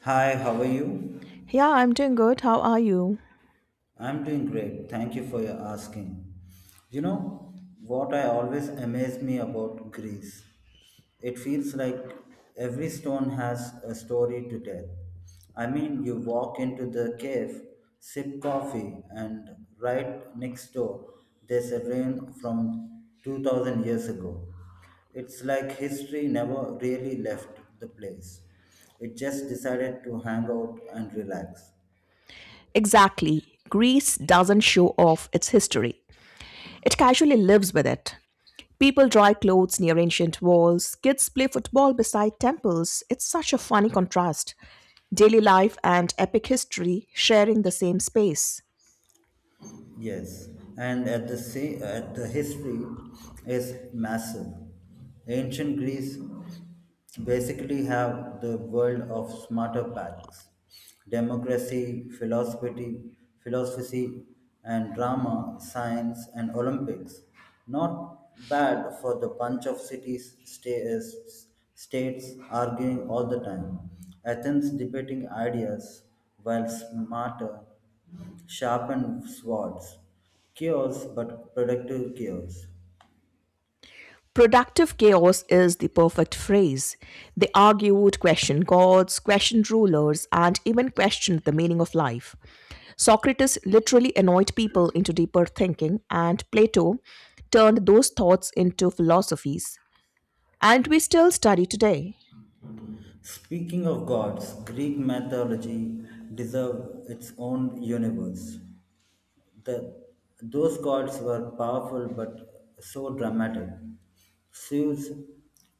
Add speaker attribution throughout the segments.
Speaker 1: Hi, how are you?
Speaker 2: Yeah, I'm doing good. How are you?
Speaker 1: I'm doing great. Thank you for your asking. You know what I always amaze me about Greece? It feels like every stone has a story to tell. I mean, you walk into the cave, sip coffee, and right next door there's a ruin from 2000 years ago. It's like history never really left the place. It just decided to hang out and relax.
Speaker 2: Exactly. Greece doesn't show off its history, it casually lives with it. People dry clothes near ancient walls, kids play football beside temples. It's such a funny contrast. Daily life and epic history sharing the same space.
Speaker 1: Yes, and at the same, at the history is massive. Ancient Greece basically have the world of smarter packs, democracy, philosophy, philosophy, and drama, science, and Olympics. Not bad for the bunch of cities, states arguing all the time. Athens debating ideas, while smarter sharpened swords, chaos but productive chaos.
Speaker 2: Productive chaos is the perfect phrase. They argued, questioned gods, questioned rulers, and even questioned the meaning of life. Socrates literally annoyed people into deeper thinking, and Plato turned those thoughts into philosophies. And we still study today.
Speaker 1: Speaking of gods, Greek mythology deserves its own universe. The, those gods were powerful but so dramatic. Zeus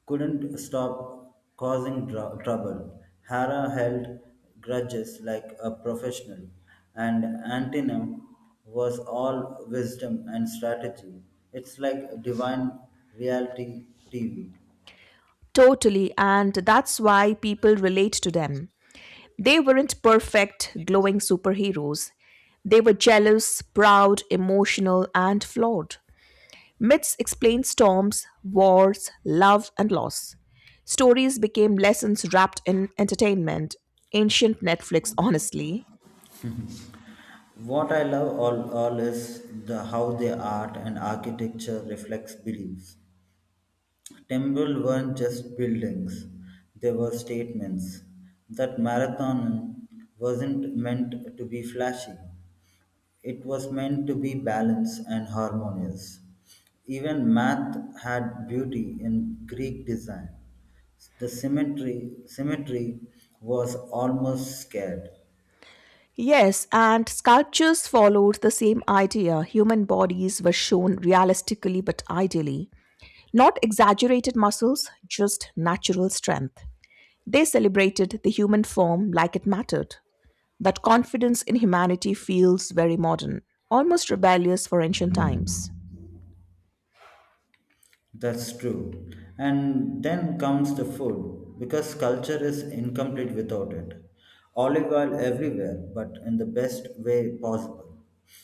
Speaker 1: couldn't stop causing trouble. Hera held grudges like a professional, and Antenum was all wisdom and strategy. It's like divine reality TV.
Speaker 2: Totally, and that's why people relate to them. They weren't perfect, glowing superheroes. They were jealous, proud, emotional, and flawed. Myths explained storms, wars, love, and loss. Stories became lessons wrapped in entertainment. Ancient Netflix, honestly.
Speaker 1: What I love all is the how their art and architecture reflects beliefs. Temple weren't just buildings, they were statements. That marathon wasn't meant to be flashy, it was meant to be balanced and harmonious. Even math had beauty in Greek design. The symmetry was almost scared.
Speaker 2: Yes, and sculptures followed the same idea. Human bodies were shown realistically but ideally. Not exaggerated muscles, just natural strength. They celebrated the human form like it mattered. That confidence in humanity feels very modern, almost rebellious for ancient times.
Speaker 1: That's true. And then comes the food, because culture is incomplete without it. Olive oil everywhere, but in the best way possible.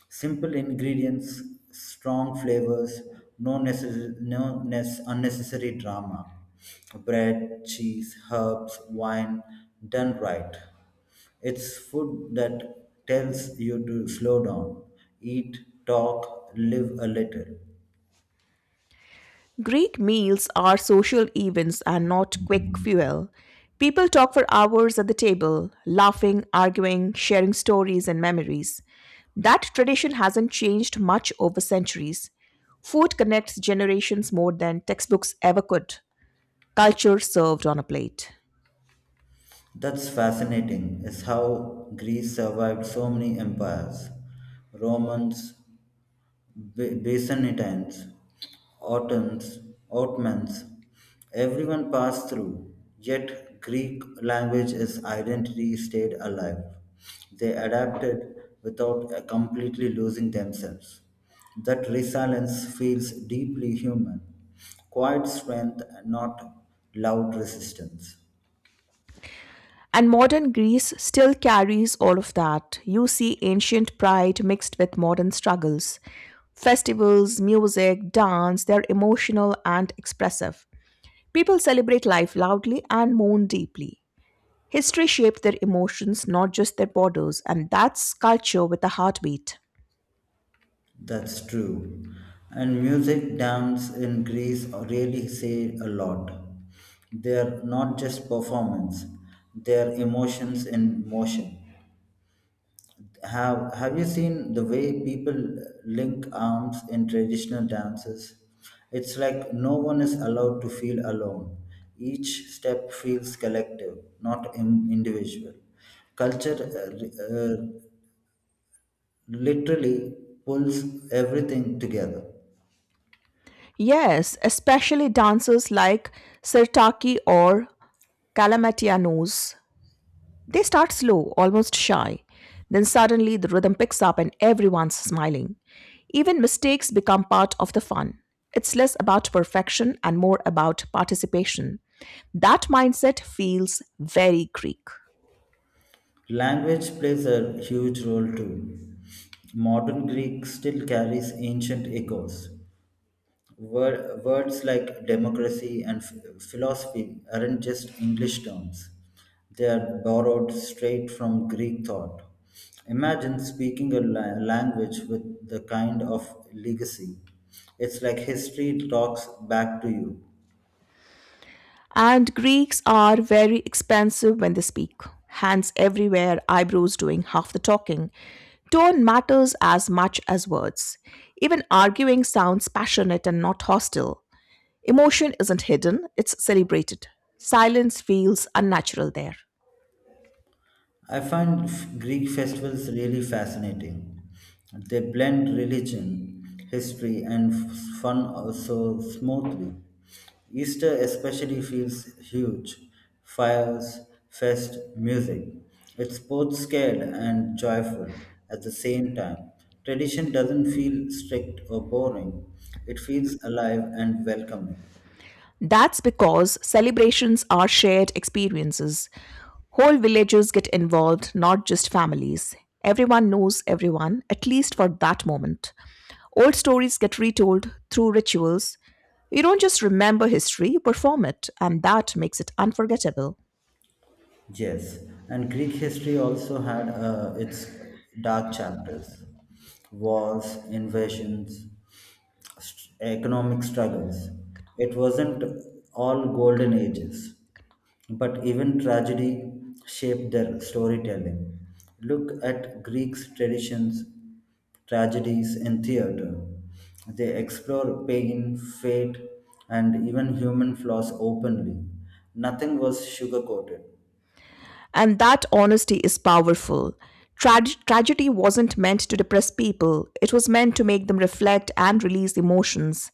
Speaker 1: Simple ingredients, strong flavors, no, necess- no nes- unnecessary drama. Bread, cheese, herbs, wine, done right. It's food that tells you to slow down, eat, talk, live a little.
Speaker 2: Greek meals are social events and not quick fuel. People talk for hours at the table, laughing, arguing, sharing stories and memories. That tradition hasn't changed much over centuries. Food connects generations more than textbooks ever could. Culture served on a plate.
Speaker 1: That's fascinating, is how Greece survived so many empires Romans, Byzantines, Ottons, Ottomans. Everyone passed through, yet, Greek language is identity stayed alive. They adapted without completely losing themselves. That resilience feels deeply human, quiet strength, not loud resistance.
Speaker 2: And modern Greece still carries all of that. You see ancient pride mixed with modern struggles. Festivals, music, dance, they're emotional and expressive. People celebrate life loudly and mourn deeply. History shaped their emotions, not just their borders, and that's culture with a heartbeat.
Speaker 1: That's true. And music, dance in Greece really say a lot. They're not just performance, they're emotions in motion. Have you seen the way people link arms in traditional dances? It's like no one is allowed to feel alone. Each step feels collective, not in, individual. Culture literally pulls everything together.
Speaker 2: Yes, especially dancers like Sirtaki or Kalamatianos. They start slow, almost shy. Then suddenly the rhythm picks up and everyone's smiling. Even mistakes become part of the fun. It's less about perfection and more about participation. That mindset feels very Greek.
Speaker 1: Language plays a huge role too. Modern Greek still carries ancient echoes. Words like democracy and philosophy aren't just English terms, they are borrowed straight from Greek thought. Imagine speaking a language with the kind of legacy. It's like history talks back to you.
Speaker 2: And Greeks are very expansive when they speak. Hands everywhere, eyebrows doing half the talking. Tone matters as much as words. Even arguing sounds passionate and not hostile. Emotion isn't hidden, it's celebrated. Silence feels unnatural there.
Speaker 1: I find Greek festivals really fascinating. They blend religion, history, and fun so smoothly. Easter especially feels huge. Fires, fest, music. It's both scared and joyful at the same time. Tradition doesn't feel strict or boring. It feels alive and welcoming.
Speaker 2: That's because celebrations are shared experiences. Whole villages get involved, not just families. Everyone knows everyone, at least for that moment. Old stories get retold through rituals. You don't just remember history, you perform it, and that makes it unforgettable.
Speaker 1: Yes, and Greek history also had its dark chapters wars, invasions, economic struggles. It wasn't all golden ages, but even tragedy shaped their storytelling. Look at Greeks' traditions, tragedies in theater. They explore pain, fate, and even human flaws openly. Nothing was sugar coated.
Speaker 2: And that honesty is powerful. Tragedy wasn't meant to depress people, it was meant to make them reflect and release emotions.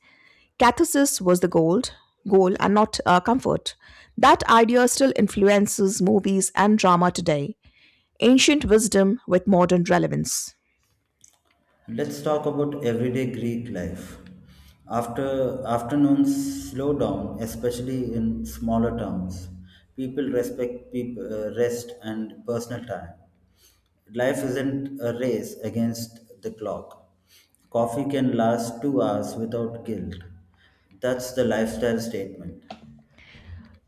Speaker 2: Catharsis was the goal and not comfort. That idea still influences movies and drama today. Ancient wisdom with modern relevance.
Speaker 1: Let's talk about everyday Greek life. After afternoons slow down, especially in smaller towns. People respect peop rest and personal time. Life isn't a race against the clock. Coffee can last 2 hours without guilt. That's the lifestyle statement.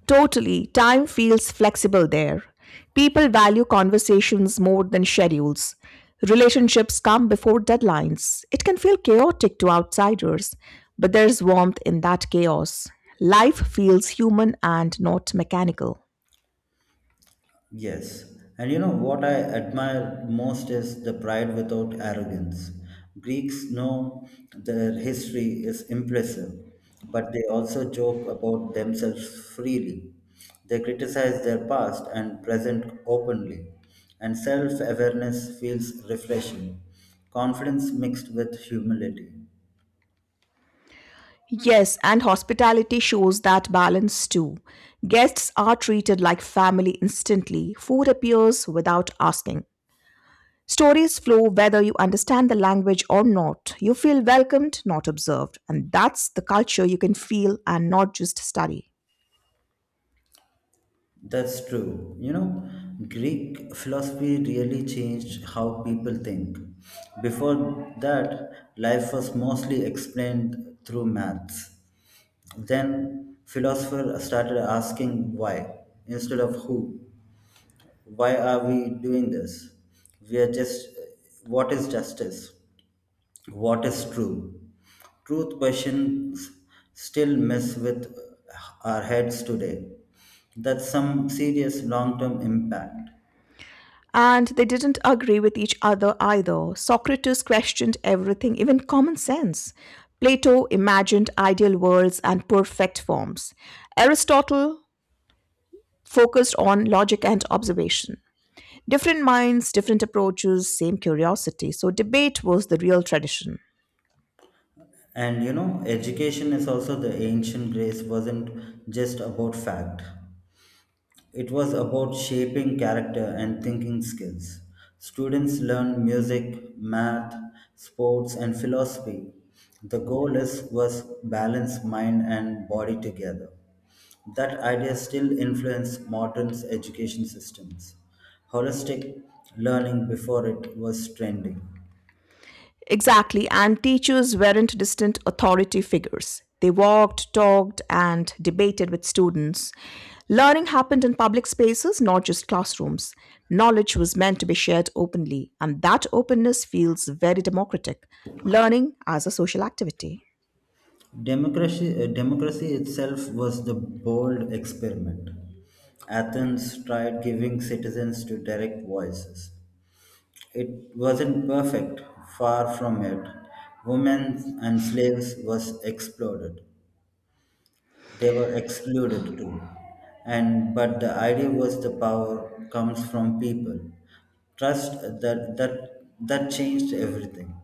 Speaker 2: Totally. Time feels flexible there. People value conversations more than schedules. Relationships come before deadlines. It can feel chaotic to outsiders, but there's warmth in that chaos. Life feels human and not mechanical.
Speaker 1: Yes, and you know what I admire most is the pride without arrogance. Greeks know their history is impressive, but they also joke about themselves freely. They criticize their past and present openly, and self awareness feels refreshing. Confidence mixed with humility.
Speaker 2: Yes, and hospitality shows that balance too. Guests are treated like family instantly. Food appears without asking. Stories flow whether you understand the language or not. You feel welcomed, not observed. And that's the culture you can feel and not just study.
Speaker 1: That's true. You know, Greek philosophy really changed how people think. Before that, life was mostly explained through maths. Then, philosophers started asking why instead of who. Why are we doing this? We are just, what is justice? What is true? Truth questions still mess with our heads today. That's some serious long term impact.
Speaker 2: And they didn't agree with each other either. Socrates questioned everything, even common sense. Plato imagined ideal worlds and perfect forms. Aristotle focused on logic and observation. Different minds, different approaches, same curiosity. So, debate was the real tradition.
Speaker 1: And you know, education is also the ancient grace, wasn't just about fact. It was about shaping character and thinking skills. Students learn music, math, sports, and philosophy. The goal is was balance mind and body together. That idea still influences modern education systems. Holistic learning before it was trending.
Speaker 2: Exactly, and teachers weren't distant authority figures. They walked, talked, and debated with students. Learning happened in public spaces, not just classrooms. Knowledge was meant to be shared openly, and that openness feels very democratic. Learning as a social activity.
Speaker 1: Democracy itself was the bold experiment. Athens tried giving citizens to direct voices. It wasn't perfect, far from it. Women and slaves was exploited. They were excluded too. And but the idea was the power comes from people. Trust that changed everything.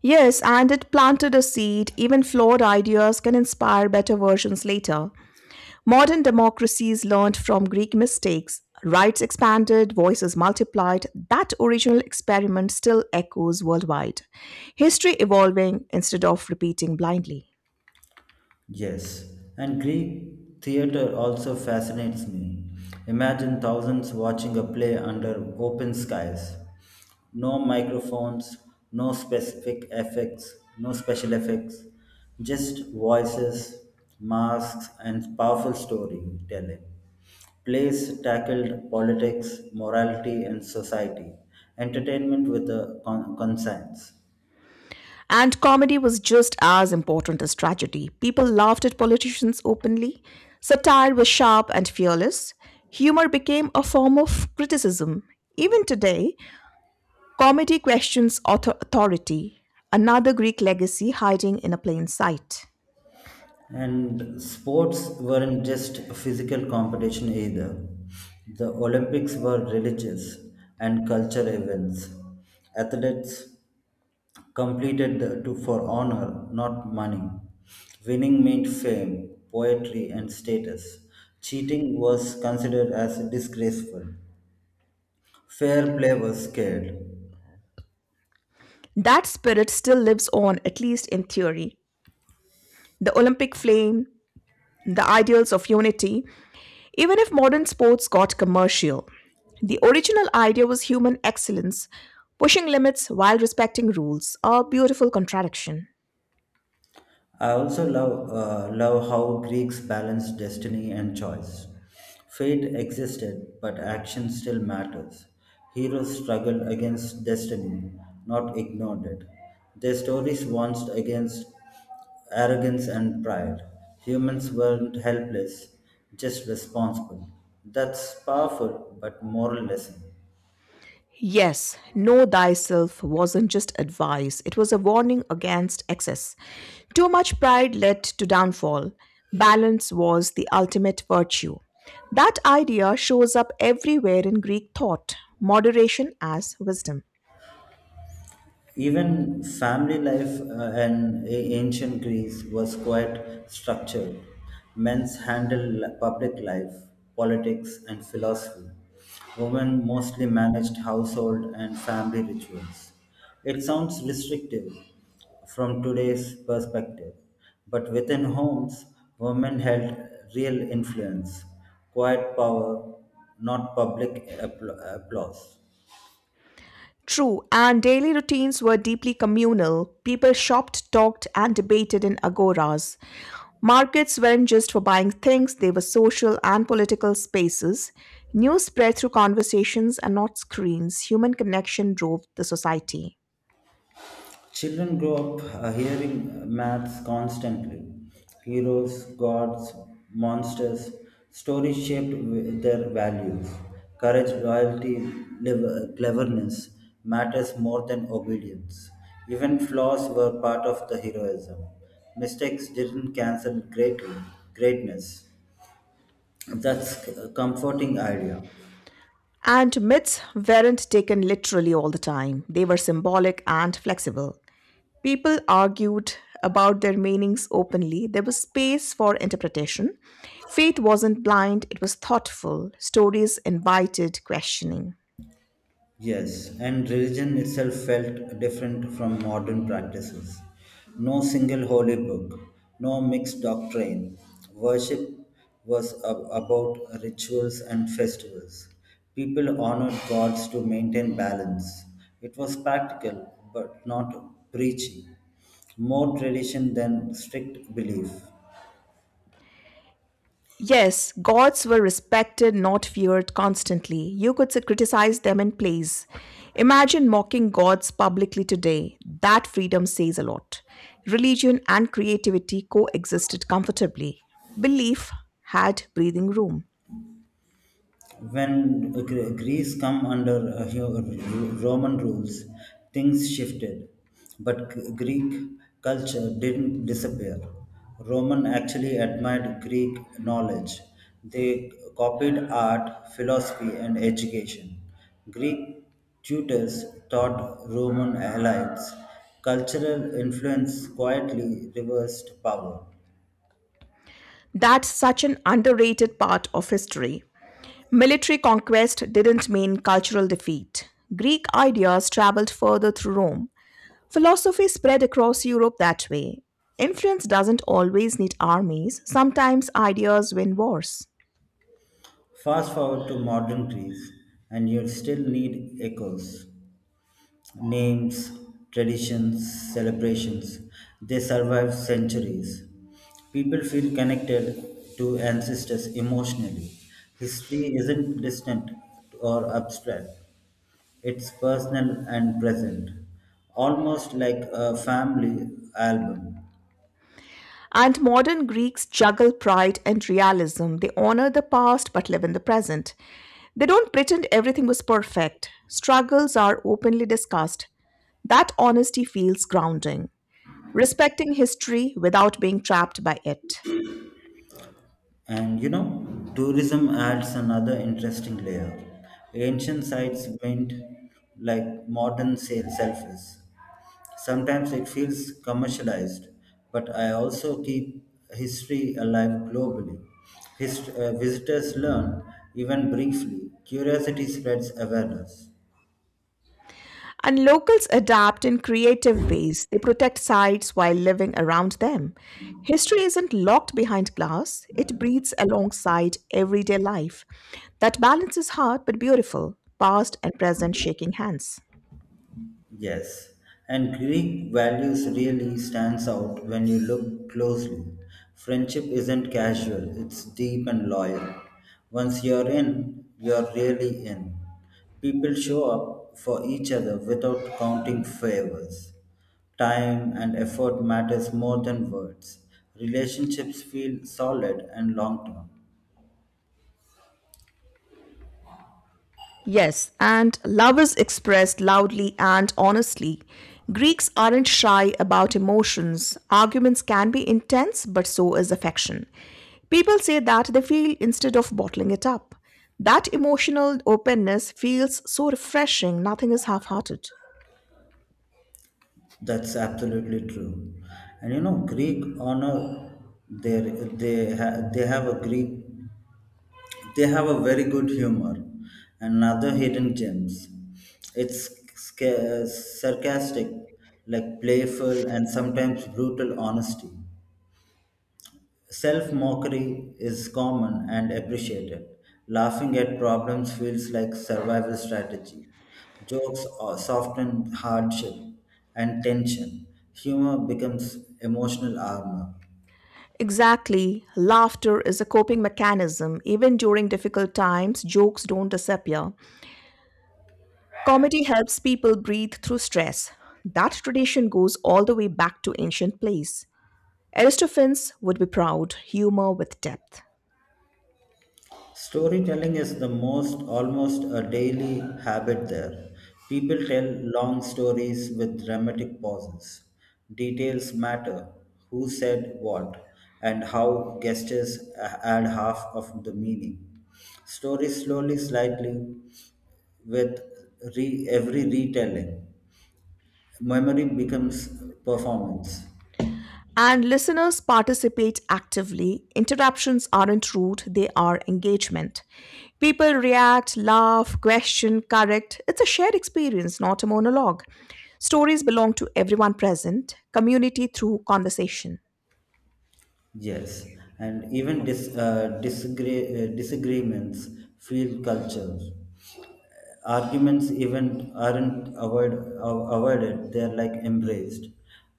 Speaker 2: Yes, and it planted a seed. Even flawed ideas can inspire better versions later. Modern democracies learned from Greek mistakes. Rights expanded, voices multiplied. That original experiment still echoes worldwide. History evolving instead of repeating blindly.
Speaker 1: Yes, and Greek theater also fascinates me. Imagine thousands watching a play under open skies. No microphones, no special effects, just voices, masks, and powerful storytelling. Plays tackled politics, morality, and society. Entertainment with a conscience.
Speaker 2: And comedy was just as important as tragedy. People laughed at politicians openly. Satire was sharp and fearless. Humor became a form of criticism. Even today, comedy questions authority, another Greek legacy hiding in a plain sight.
Speaker 1: And sports weren't just a physical competition either. The Olympics were religious and cultural events. Athletes competed to for honor, not money. Winning meant fame, poetry, and status. Cheating was considered as disgraceful. Fair play was scared.
Speaker 2: That spirit still lives on, at least in theory. The Olympic flame, the ideals of unity, even if modern sports got commercial. The original idea was human excellence, pushing limits while respecting rules, a beautiful contradiction.
Speaker 1: I also love how Greeks balanced destiny and choice. Fate existed, but action still matters. Heroes struggled against destiny, not ignored it. Their stories warned against arrogance and pride. Humans weren't helpless, just responsible. That's powerful, but moral lesson.
Speaker 2: Yes, know thyself wasn't just advice, it was a warning against excess. Too much pride led to downfall. Balance was the ultimate virtue. That idea shows up everywhere in Greek thought moderation as wisdom.
Speaker 1: Even family life in ancient Greece was quite structured. Men's handled public life, politics, and philosophy. Women mostly managed household and family rituals. It sounds restrictive from today's perspective, but within homes, women held real influence, quiet power, not public applause.
Speaker 2: True, and daily routines were deeply communal. People shopped, talked, and debated in agoras. Markets weren't just for buying things, they were social and political spaces. News spread through conversations and not screens. Human connection drove the society.
Speaker 1: Children grow up hearing maths constantly heroes, gods, monsters, stories shaped their values. Courage, loyalty, cleverness matters more than obedience. Even flaws were part of the heroism. Mistakes didn't cancel greatness. That's a comforting idea.
Speaker 2: And myths weren't taken literally all the time, they were symbolic and flexible. People argued about their meanings openly. There was space for interpretation. Faith wasn't blind, it was thoughtful. Stories invited questioning.
Speaker 1: Yes, and religion itself felt different from modern practices. No single holy book, no mixed doctrine. Worship was about rituals and festivals. People honored gods to maintain balance. It was practical, but not preachy. More tradition than strict belief.
Speaker 2: Yes, gods were respected, not feared constantly. You could criticize them in plays. Imagine mocking gods publicly today. That freedom says a lot. Religion and creativity coexisted comfortably. Belief had breathing room.
Speaker 1: When Greece come under Roman rules, things shifted, but Greek culture didn't disappear. Roman actually admired Greek knowledge. They copied art, philosophy, and education. Greek tutors taught Roman allies. Cultural influence quietly reversed power.
Speaker 2: That's such an underrated part of history. Military conquest didn't mean cultural defeat. Greek ideas traveled further through Rome. Philosophy spread across Europe that way. Influence doesn't always need armies, sometimes ideas win wars.
Speaker 1: Fast forward to modern Greece, and you still need echoes. Names, traditions, celebrations. They survive centuries. People feel connected to ancestors emotionally. History isn't distant or abstract, it's personal and present, almost like a family album.
Speaker 2: And modern Greeks juggle pride and realism. They honor the past but live in the present. They don't pretend everything was perfect. Struggles are openly discussed. That honesty feels grounding. Respecting history without being trapped by it.
Speaker 1: And you know, tourism adds another interesting layer. Ancient sites went like modern sales selfies. Sometimes it feels commercialized, but I also keep history alive globally. Visitors learn, even briefly. Curiosity spreads awareness.
Speaker 2: And locals adapt in creative ways. They protect sites while living around them. History isn't locked behind glass, it breathes alongside everyday life. That balance is hard but beautiful, past and present shaking hands.
Speaker 1: Yes, and Greek values really stands out when you look closely. Friendship isn't casual, it's deep and loyal. Once you're in, you're really in. People show up for each other without counting favors. Time and effort matters more than words. Relationships feel solid and long term.
Speaker 2: Yes, and love is expressed loudly and honestly. Greeks aren't shy about emotions. Arguments can be intense, but so is affection. People say that they feel instead of bottling it up. That emotional openness feels so refreshing, nothing is half hearted.
Speaker 1: That's absolutely true. And you know, Greek honor, they they ha, they have a Greek they have a very good humor, and other hidden gems. It's sarcastic, like playful and sometimes brutal honesty. Self mockery is common and appreciated. Laughing at problems feels like survival strategy. Jokes are soften hardship and tension. Humor becomes emotional armor.
Speaker 2: Exactly. Laughter is a coping mechanism. Even during difficult times, jokes don't disappear. Comedy helps people breathe through stress. That tradition goes all the way back to ancient plays. Aristophanes would be proud, humor with depth.
Speaker 1: Storytelling is the most almost a daily habit there. People tell long stories with dramatic pauses. Details matter who said what, and how gestures add half of the meaning. Stories slowly, slightly, with every retelling. Memory becomes performance.
Speaker 2: And listeners participate actively. Interruptions aren't rude, they are engagement. People react, laugh, question, correct. It's a shared experience, not a monologue. Stories belong to everyone present, community through conversation.
Speaker 1: Yes, and even disagreements feel culture. Arguments even aren't avoided, they're like embraced.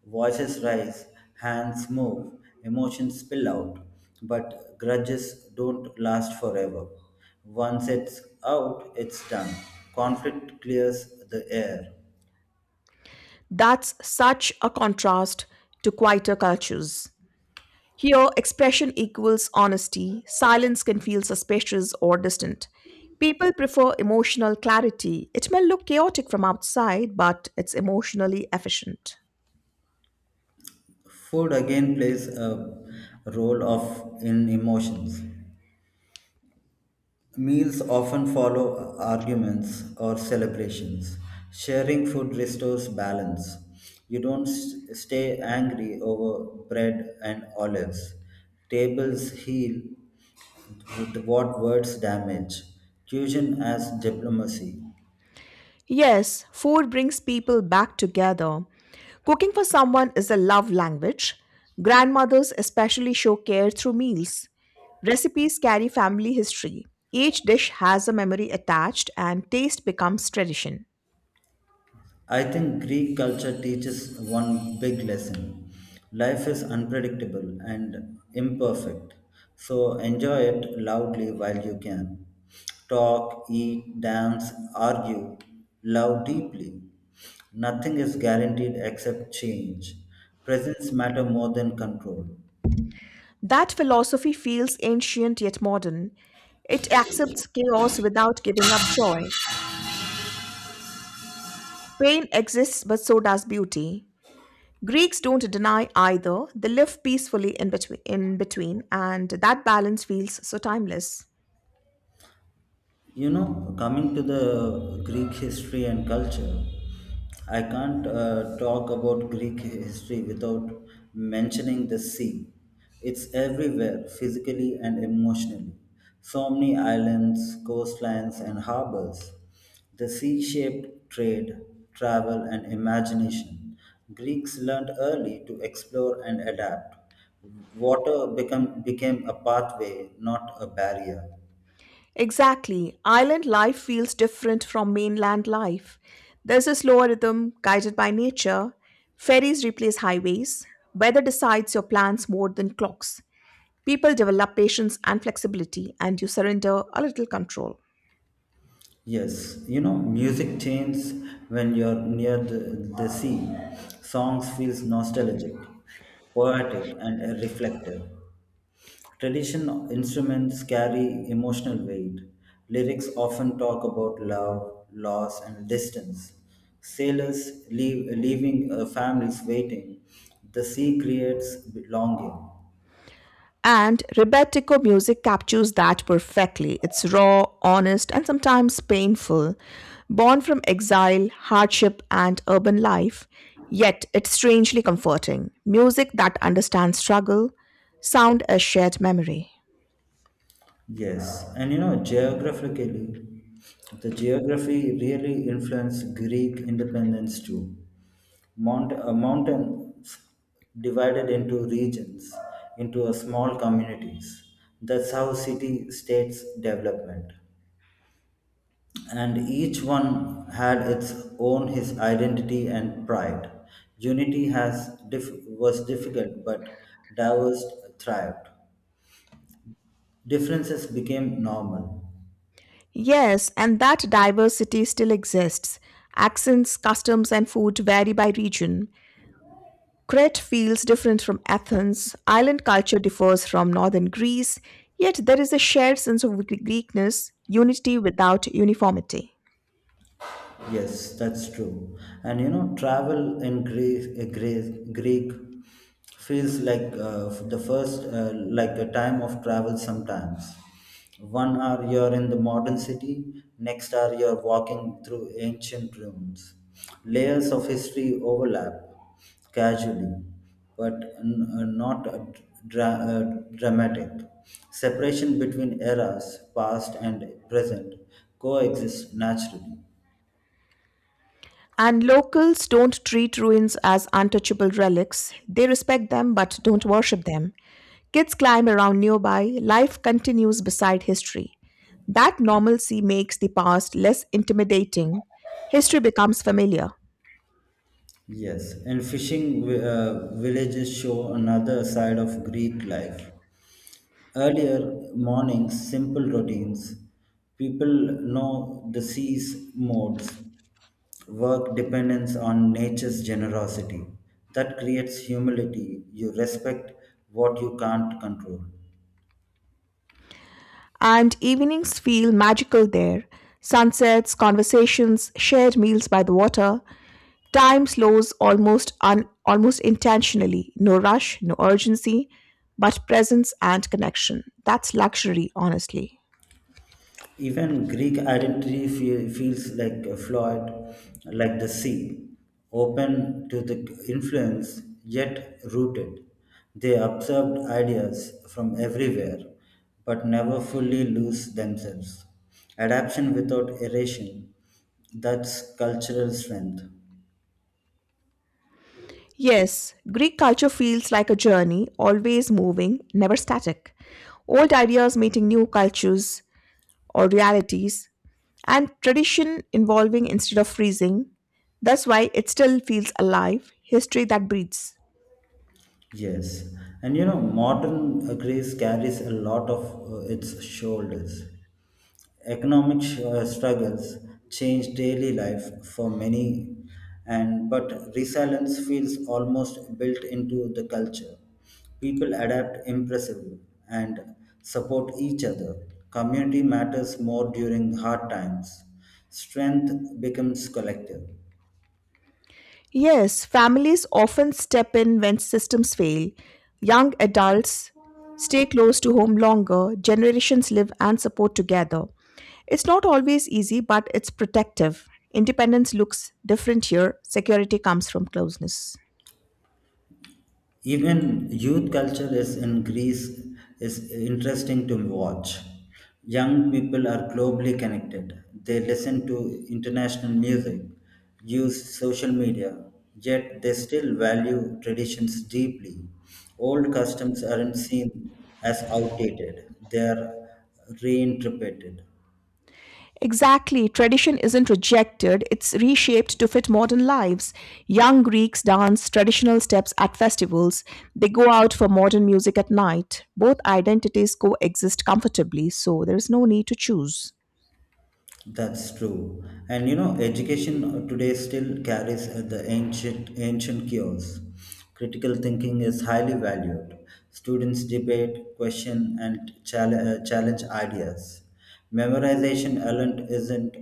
Speaker 1: Voices rise, hands move, emotions spill out, but grudges don't last forever. Once it's out, it's done. Conflict clears the air.
Speaker 2: That's such a contrast to quieter cultures. Here, expression equals honesty. Silence can feel suspicious or distant. People prefer emotional clarity. It may look chaotic from outside, but it's emotionally efficient.
Speaker 1: Food again plays a role of in emotions. Meals often follow arguments or celebrations. Sharing food restores balance. You don't stay angry over bread and olives. Tables heal with what words damage. Fusion as diplomacy.
Speaker 2: Yes, food brings people back together. Cooking for someone is a love language. Grandmothers especially show care through meals. Recipes carry family history. Each dish has a memory attached, and taste becomes tradition.
Speaker 1: I think Greek culture teaches one big lesson life is unpredictable and imperfect. So enjoy it loudly while you can. Talk, eat, dance, argue, love deeply. Nothing is guaranteed except change. Presence matter more than control.
Speaker 2: That philosophy feels ancient yet modern. It accepts chaos without giving up joy. Pain exists, but so does beauty. Greeks don't deny either. They live peacefully in between, and that balance feels so timeless.
Speaker 1: You know, coming to the Greek history and culture, I can't talk about Greek history without mentioning the sea. It's everywhere, physically and emotionally. So many islands, coastlines, and harbors. The sea shaped trade, travel, and imagination. Greeks learned early to explore and adapt. Became a pathway, not a barrier.
Speaker 2: Exactly. Island life feels different from mainland life. There's a slower rhythm guided by nature. Ferries replace highways. Weather decides your plans more than clocks. People develop patience and flexibility, and you surrender a little control.
Speaker 1: Yes, you know, music changes when you're near the sea. Songs feels nostalgic, poetic and reflective. Traditional instruments carry emotional weight. Lyrics often talk about love, loss, and distance. Leaving families waiting. The sea creates longing.
Speaker 2: And Rebetiko music captures that perfectly. It's raw, honest, and sometimes painful, born from exile, hardship, and urban life, yet it's strangely comforting. Music that understands struggle, sound as shared memory.
Speaker 1: Yes, and you know, geographically, the geography really influenced Greek independence too. Mountains divided into regions, into a small communities. That's how city-states development. And each one had its own his identity and pride. Unity was difficult, but diversity thrived. Differences became normal.
Speaker 2: Yes, and that diversity still exists. Accents, customs, and food vary by region, Crete feels different from Athens, island culture differs from northern Greece, yet there is a shared sense of Greekness, unity without uniformity.
Speaker 1: Yes, that's true. And you know, travel in Greece, Greek feels like the first, like a time of travel sometimes. 1 hour you're in the modern city, next hour you're walking through ancient ruins. Layers of history overlap casually, but not dra- uh, dramatic. Separation between eras, past and present, coexist naturally.
Speaker 2: And locals don't treat ruins as untouchable relics, they respect them but don't worship them. Kids climb around nearby, life continues beside history. That normalcy makes the past less intimidating. History becomes familiar.
Speaker 1: Yes, and fishing villages show another side of Greek life. Earlier mornings, simple routines, people know the sea's modes, work dependence on nature's generosity. That creates humility. You respect what you can't control.
Speaker 2: And evenings feel magical there. Sunsets, conversations, shared meals by the water. Time slows almost intentionally. No rush, no urgency, but presence and connection. That's luxury, honestly.
Speaker 1: Even Greek identity feels like a Floyd, like the sea, open to the influence yet rooted. They absorbed ideas from everywhere, but never fully lose themselves. Adaptation without erasing, that's cultural strength.
Speaker 2: Yes, Greek culture feels like a journey, always moving, never static. Old ideas meeting new cultures or realities, and tradition evolving instead of freezing. That's why it still feels alive, history that breathes.
Speaker 1: Yes, and you know, modern Greece carries a lot of its shoulders. Economic struggles change daily life for many, and but resilience feels almost built into the culture. People adapt impressively and support each other. Community matters more during hard times. Strength becomes collective.
Speaker 2: Yes, families often step in when systems fail. Young adults stay close to home longer, generations live and support together. It's not always easy, but it's protective. Independence looks different here, security comes from closeness.
Speaker 1: Even youth culture is in Greece is interesting to watch. Young people are globally connected. They listen to international music, use social media, yet they still value traditions deeply. Old customs aren't seen as outdated, they are reinterpreted.
Speaker 2: Exactly. Tradition isn't rejected, it's reshaped to fit modern lives. Young Greeks dance traditional steps at festivals, they go out for modern music at night. Both identities coexist comfortably, so there is no need to choose.
Speaker 1: That's true. And you know, education today still carries the ancient cures. Critical thinking is highly valued. Students debate, question, and challenge ideas. Memorization alone isn't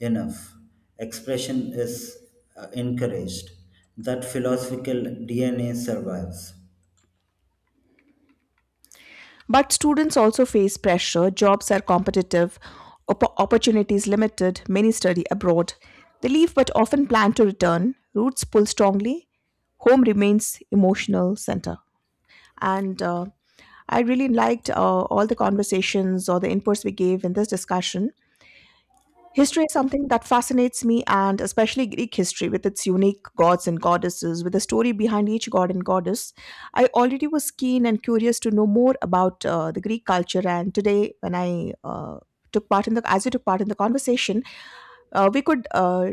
Speaker 1: enough. Expression is encouraged. That philosophical DNA survives.
Speaker 2: But students also face pressure, jobs are competitive, opportunities limited, many study abroad. They leave but often plan to return, roots pull strongly, home remains emotional center. And I really liked all the conversations or the inputs we gave in this discussion. History is something that fascinates me, and especially Greek history with its unique gods and goddesses, with a story behind each god and goddess. I already was keen and curious to know more about the Greek culture, and today, when I took part in the as you took part in the conversation, we could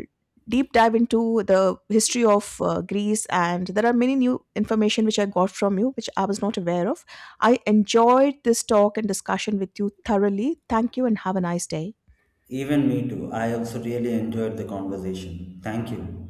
Speaker 2: deep dive into the history of Greece, and there are many new information which I got from you, which I was not aware of. I enjoyed this talk and discussion with you thoroughly. Thank you, and have a nice day.
Speaker 1: Even me too. I also really enjoyed the conversation. Thank you.